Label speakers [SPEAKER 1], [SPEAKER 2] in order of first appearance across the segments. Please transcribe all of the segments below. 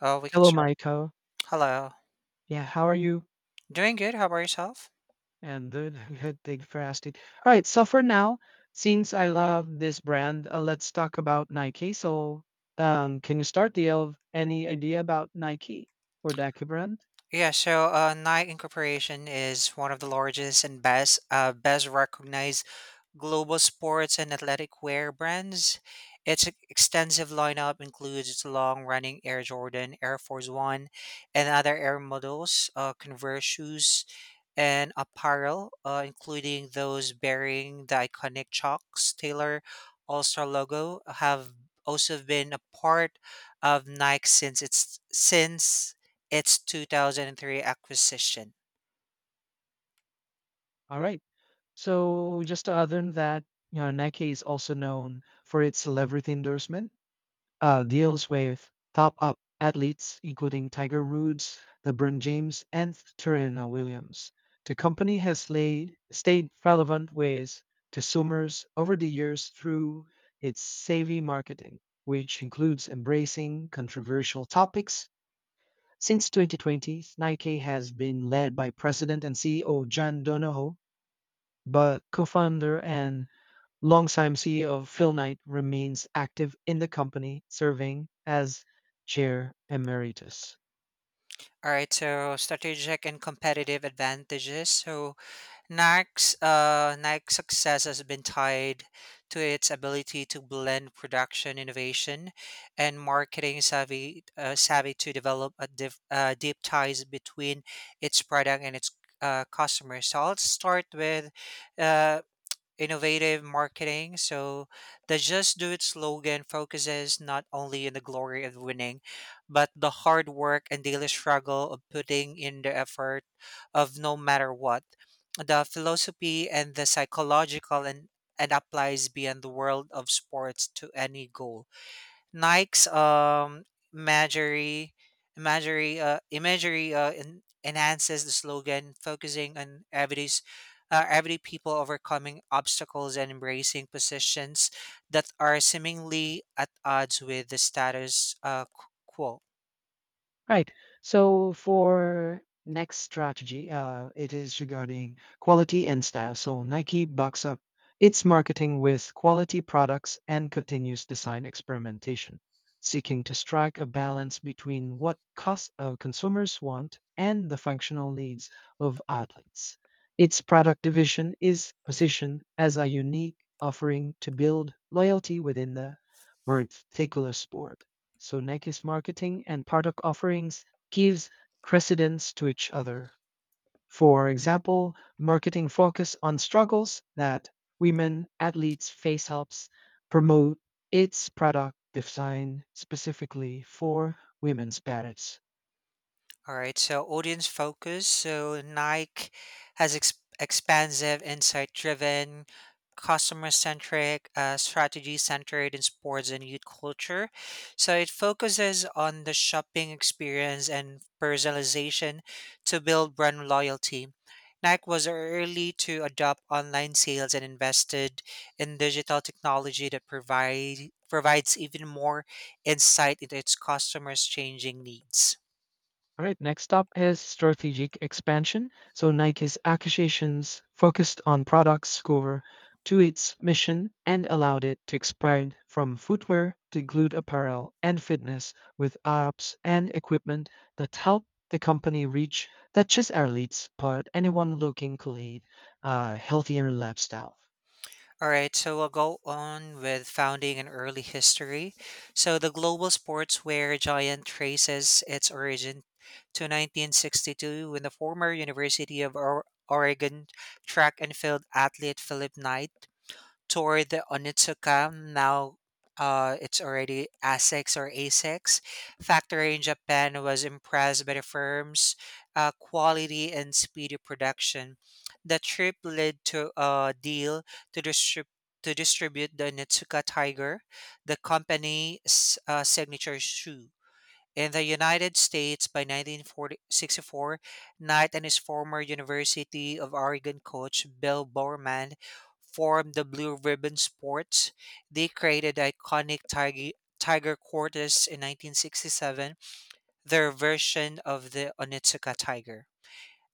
[SPEAKER 1] Oh, we can
[SPEAKER 2] Hello,
[SPEAKER 1] start.
[SPEAKER 2] Michael.
[SPEAKER 1] Hello.
[SPEAKER 2] Yeah, how are you?
[SPEAKER 1] Doing good. How about yourself?
[SPEAKER 2] And good, good. Thank you for asking. All right, so for now, since I love this brand, let's talk about Nike. Can you start, the of any idea about Nike? For the Aki brand?
[SPEAKER 1] Night Incorporation is one of the largest and best recognized global sports and athletic wear brands. Its extensive lineup includes long-running Air Jordan, Air Force One, and other Air models, Converse shoes, and apparel, including those bearing the iconic Chucks Taylor All-Star logo, have also been a part of Nike since its 2003 acquisition.
[SPEAKER 2] All right. So just other than that, you know, Nike is also known for its celebrity endorsement deals with top-up athletes including Tiger Woods, LeBron James, and Serena Williams. The company has laid, stayed relevant with consumers over the years through its savvy marketing, which includes embracing controversial topics. Since 2020, Nike has been led by President and CEO John Donahoe, but co-founder and longtime CEO Phil Knight remains active in the company, serving as Chair Emeritus.
[SPEAKER 1] All right, so strategic and competitive advantages. So Nike's success has been tied to its ability to blend production innovation and marketing savvy to develop a deep ties between its product and its customers. So I'll start with uh, innovative marketing. So the Just Do It slogan focuses not only on the glory of winning, but the hard work and daily struggle of putting in the effort of no matter what. The philosophy and the psychological and applies beyond the world of sports to any goal. Nike's imagery, enhances the slogan, focusing on everyday people overcoming obstacles and embracing positions that are seemingly at odds with the status quo.
[SPEAKER 2] Right. So for next strategy, it is regarding quality and style. So Nike backs up its marketing with quality products and continuous design experimentation, seeking to strike a balance between what consumers want and the functional needs of athletes. Its product division is positioned as a unique offering to build loyalty within the particular sport. So Neki's marketing and product offerings gives precedence to each other. For example, marketing focus on struggles that women athletes face helps promote its product design specifically for women's parents.
[SPEAKER 1] All right, so audience focus. So Nike has expansive, insight driven, customer centric, strategy centered in sports and youth culture. So it focuses on the shopping experience and personalization to build brand loyalty. Nike was early to adopt online sales and invested in digital technology that provides even more insight into its customers' changing needs.
[SPEAKER 2] All right, next up is strategic expansion. So Nike's acquisitions focused on products core to its mission and allowed it to expand from footwear to glued apparel and fitness with apps and equipment that help the company reach not just athletes, but anyone looking to lead a healthier lifestyle.
[SPEAKER 1] All right, so we'll go on with founding and early history. So the global sportswear giant traces its origin to 1962 when the former University of Oregon track and field athlete Philip Knight toward the Onitsuka. Now it's already ASICS or ASICS factory in Japan, was impressed by the firm's quality and speedy production. The trip led to a deal to distribute. To distribute the Onitsuka Tiger, the company's signature shoe, in the United States. By 1964, Knight and his former University of Oregon coach Bill Bowerman formed the Blue Ribbon Sports. They created the iconic Tiger Quarters in 1967, their version of the Onitsuka Tiger.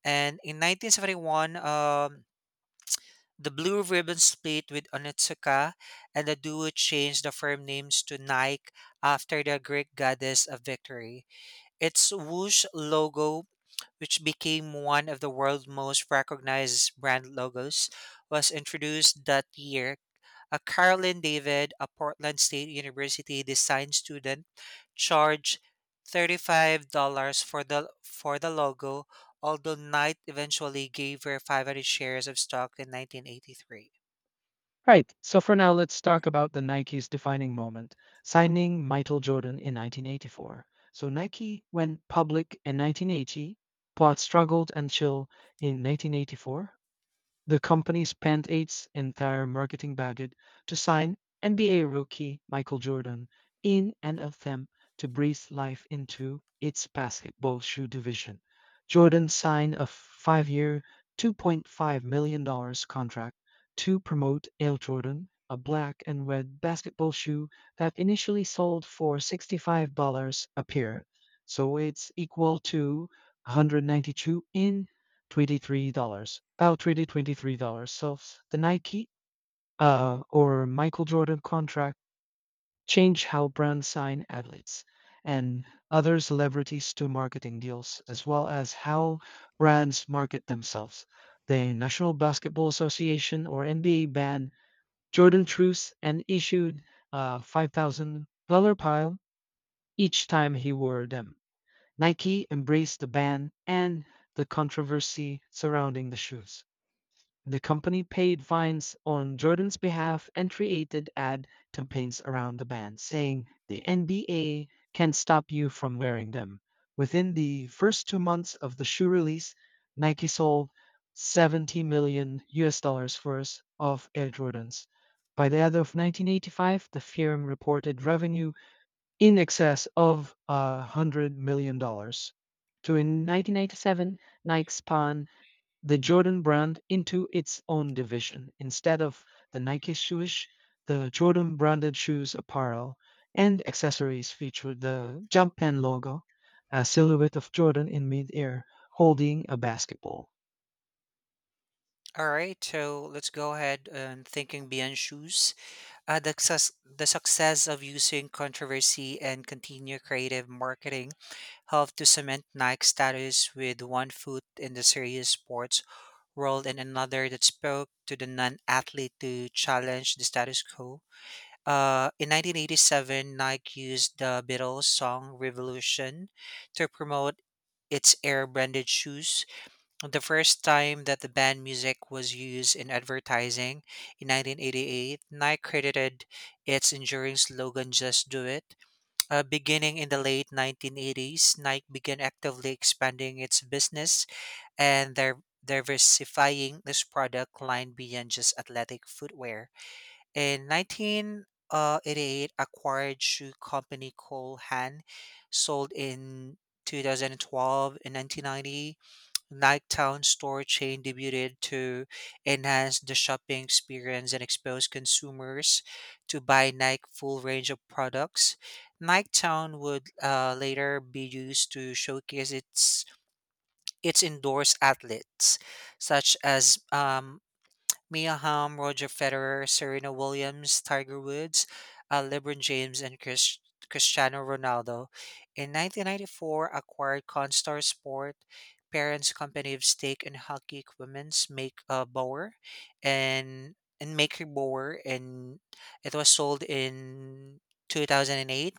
[SPEAKER 1] And in 1971, the Blue Ribbon split with Onitsuka, and the duo changed the firm names to Nike after the Greek goddess of victory. Its swoosh logo, which became one of the world's most recognized brand logos, was introduced that year. A Carolyn David, a Portland State University design student, charged $35 for the logo, although Knight eventually gave her 500 shares of stock in 1983.
[SPEAKER 2] Right. So for now, let's talk about the Nike's defining moment, signing Michael Jordan in 1984. So Nike went public in 1980, but struggled until in 1984 the company spent its entire marketing budget to sign NBA rookie Michael Jordan in an attempt to breathe life into its basketball shoe division. Jordan signed a five-year, $2.5 million dollars contract to promote Air Jordan, a black and red basketball shoe that initially sold for $65 a pair. So it's equal to 192 in $23, about $20, dollars, $23. So the Nike or Michael Jordan contract changed how brands sign athletes and other celebrities to marketing deals, as well as how brands market themselves. The National Basketball Association or NBA banned Jordan truths and issued a $5,000 pile each time he wore them. Nike embraced the ban and the controversy surrounding the shoes. The company paid fines on Jordan's behalf and created ad campaigns around the ban, saying, "The NBA can't stop you from wearing them." Within the first 2 months of the shoe release, Nike sold 70 million US dollars worth of Air Jordans. By the end of 1985, the firm reported revenue in excess of $100 million. Dollars. So in 1997, Nike spun the Jordan brand into its own division. Instead of the Nike shoes, the Jordan branded shoes apparel and accessories featured the Jumpman logo, a silhouette of Jordan in midair holding a basketball.
[SPEAKER 1] All right, so let's go ahead and thinking beyond shoes. The success of using controversy and continued creative marketing helped to cement Nike's status with one foot in the serious sports world and another that spoke to the non-athlete to challenge the status quo. In 1987, Nike used the Beatles song "Revolution" to promote its air-branded shoes, the first time that the band music was used in advertising. In 1988, Nike credited its enduring slogan Just Do It. Beginning in the late 1980s, Nike began actively expanding its business and their diversifying this product line beyond just athletic footwear. In 1988, acquired shoe company Cole Haan, sold in 2012, and 1990 Nighttown store chain debuted to enhance the shopping experience and expose consumers to buy Nike full range of products. Nighttown would later be used to showcase its indoors outlets, such as Mia Hamm, Roger Federer, Serena Williams, Tiger Woods, LeBron James, and Cristiano Ronaldo. In 1994, acquired Constar Sport, parents' company of stake and hockey equipments, Make Bower, and Maker Bower, and it was sold in 2008.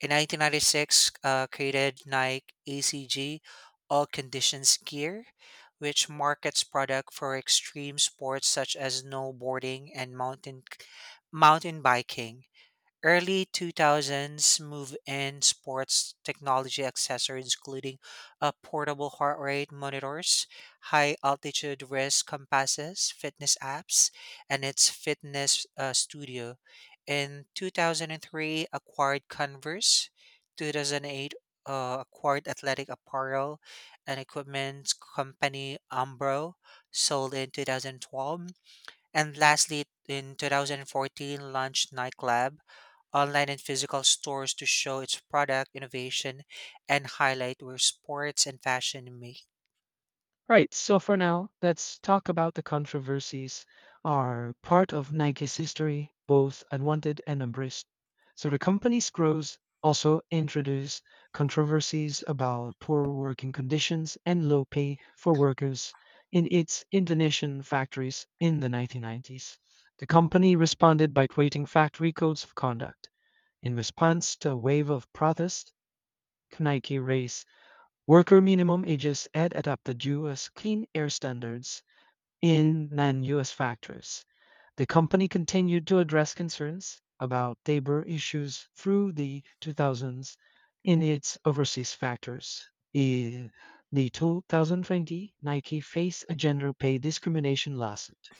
[SPEAKER 1] In 1996, created Nike ACG, All Conditions Gear, which markets product for extreme sports such as snowboarding and mountain biking. Early 2000s move in sports technology accessories, including portable heart rate monitors, high altitude wrist compasses, fitness apps, and its fitness studio. In 2003, acquired Converse. 2008, acquired athletic apparel and equipment company Umbro, sold in 2012. And lastly, in 2014, launched Nightclub online and physical stores to show its product innovation and highlight where sports and fashion meet.
[SPEAKER 2] Right, so for now, let's talk about the controversies are part of Nike's history, both unwanted and embraced. So the company's growth also introduced controversies about poor working conditions and low pay for workers in its Indonesian factories in the 1990s. The company responded by creating factory codes of conduct. In response to a wave of protest, Nike raised worker minimum ages and adopted U.S. clean air standards in non-U.S. factories. The company continued to address concerns about labor issues through the 2000s in its overseas factories. In the 2020, Nike faced a gender pay discrimination lawsuit.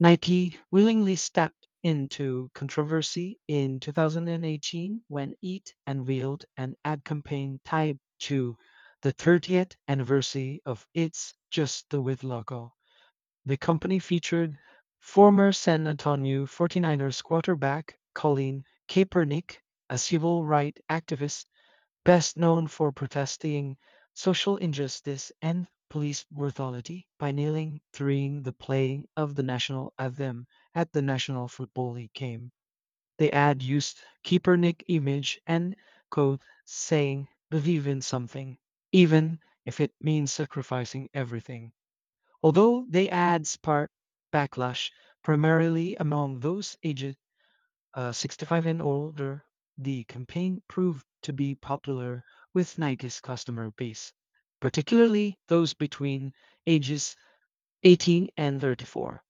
[SPEAKER 2] Nike willingly stepped into controversy in 2018 when it unveiled an ad campaign tied to the 30th anniversary of its Just Do It logo. The company featured former San Antonio 49ers quarterback Colin Kaepernick, a civil rights activist best known for protesting social injustice and police brutality by kneeling during the playing of the national anthem at the National Football League game. The ad used Kaepernick image and quote saying, "Believe in something, even if it means sacrificing everything." Although the ad sparked backlash primarily among those aged 65 and older, the campaign proved to be popular with Nike's customer base, particularly those between ages 18 and 34.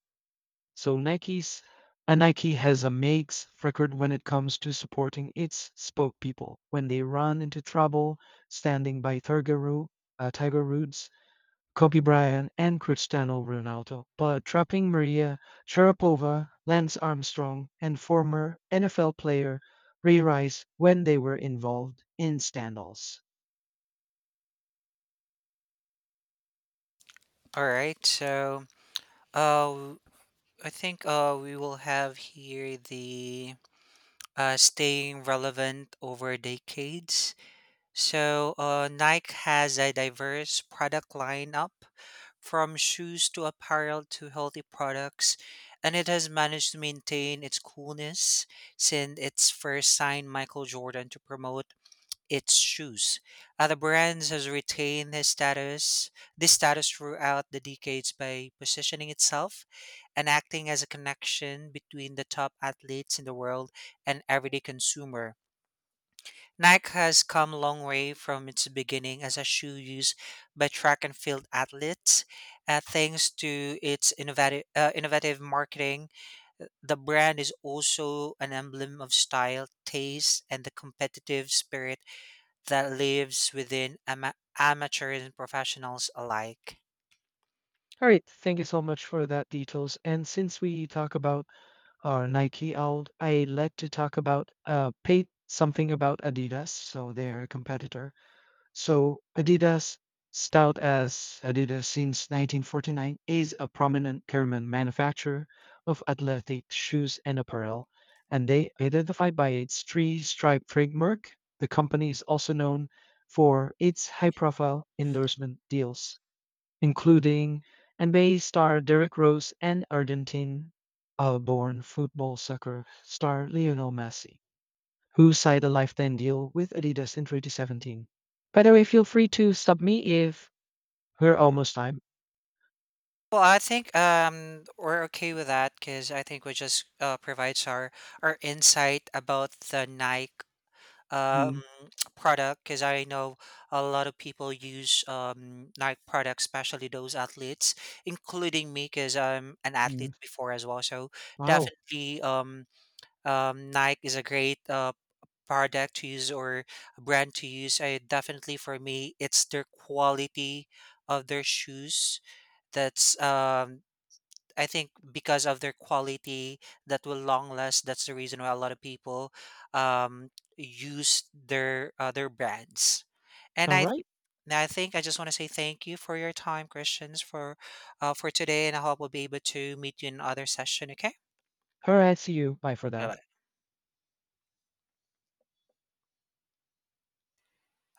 [SPEAKER 2] So Nike has a makes record when it comes to supporting its spokespeople when they run into trouble, standing by Tiger Woods, Kobe Bryant and Cristiano Ronaldo, but dropping Maria Sharapova, Lance Armstrong, and former NFL player Ray Rice when they were involved in scandals.
[SPEAKER 1] All right, so uh, I think we will have here the staying relevant over decades. So Nike has a diverse product lineup from shoes to apparel to healthy products, and it has managed to maintain its coolness since its first signed Michael Jordan to promote its shoes. Other brands has retained this status throughout the decades by positioning itself and acting as a connection between the top athletes in the world and everyday consumer. Nike has come a long way from its beginning as a shoe used by track and field athletes. Thanks to its innovative marketing, the brand is also an emblem of style, taste, and the competitive spirit that lives within amateurs and professionals alike.
[SPEAKER 2] All right, thank you so much for that details. And since we talk about Nike out, I like to talk about Pate something about Adidas, so they're a competitor. So Adidas, styled as Adidas since 1949, is a prominent German manufacturer of athletic shoes and apparel, and they identify by its three-stripe trademark. The company is also known for its high-profile endorsement deals, including NBA star Derrick Rose and Argentine-born football soccer star Lionel Messi who signed a lifetime deal with Adidas in 2017. By the way, feel free to sub me if. We're almost time.
[SPEAKER 1] Well, I think we're okay with that because I think we just provides our insight about the Nike
[SPEAKER 2] Mm,
[SPEAKER 1] um, product because I know a lot of people use Nike products, especially those athletes, including me because I'm an athlete
[SPEAKER 2] mm.
[SPEAKER 1] before as well. So
[SPEAKER 2] Wow.
[SPEAKER 1] definitely, Nike is a great product to use or brand to use. I definitely, for me, it's their quality of their shoes that's I think because of their quality that will long last. That's the reason why a lot of people um, use their brands. And
[SPEAKER 2] All
[SPEAKER 1] I
[SPEAKER 2] right.
[SPEAKER 1] and I think I just want to say thank you for your time, Christians, for today. And I hope we'll be able to meet you in another session. Okay?
[SPEAKER 2] All right. See you. Bye for
[SPEAKER 1] Bye
[SPEAKER 2] now.
[SPEAKER 1] bye.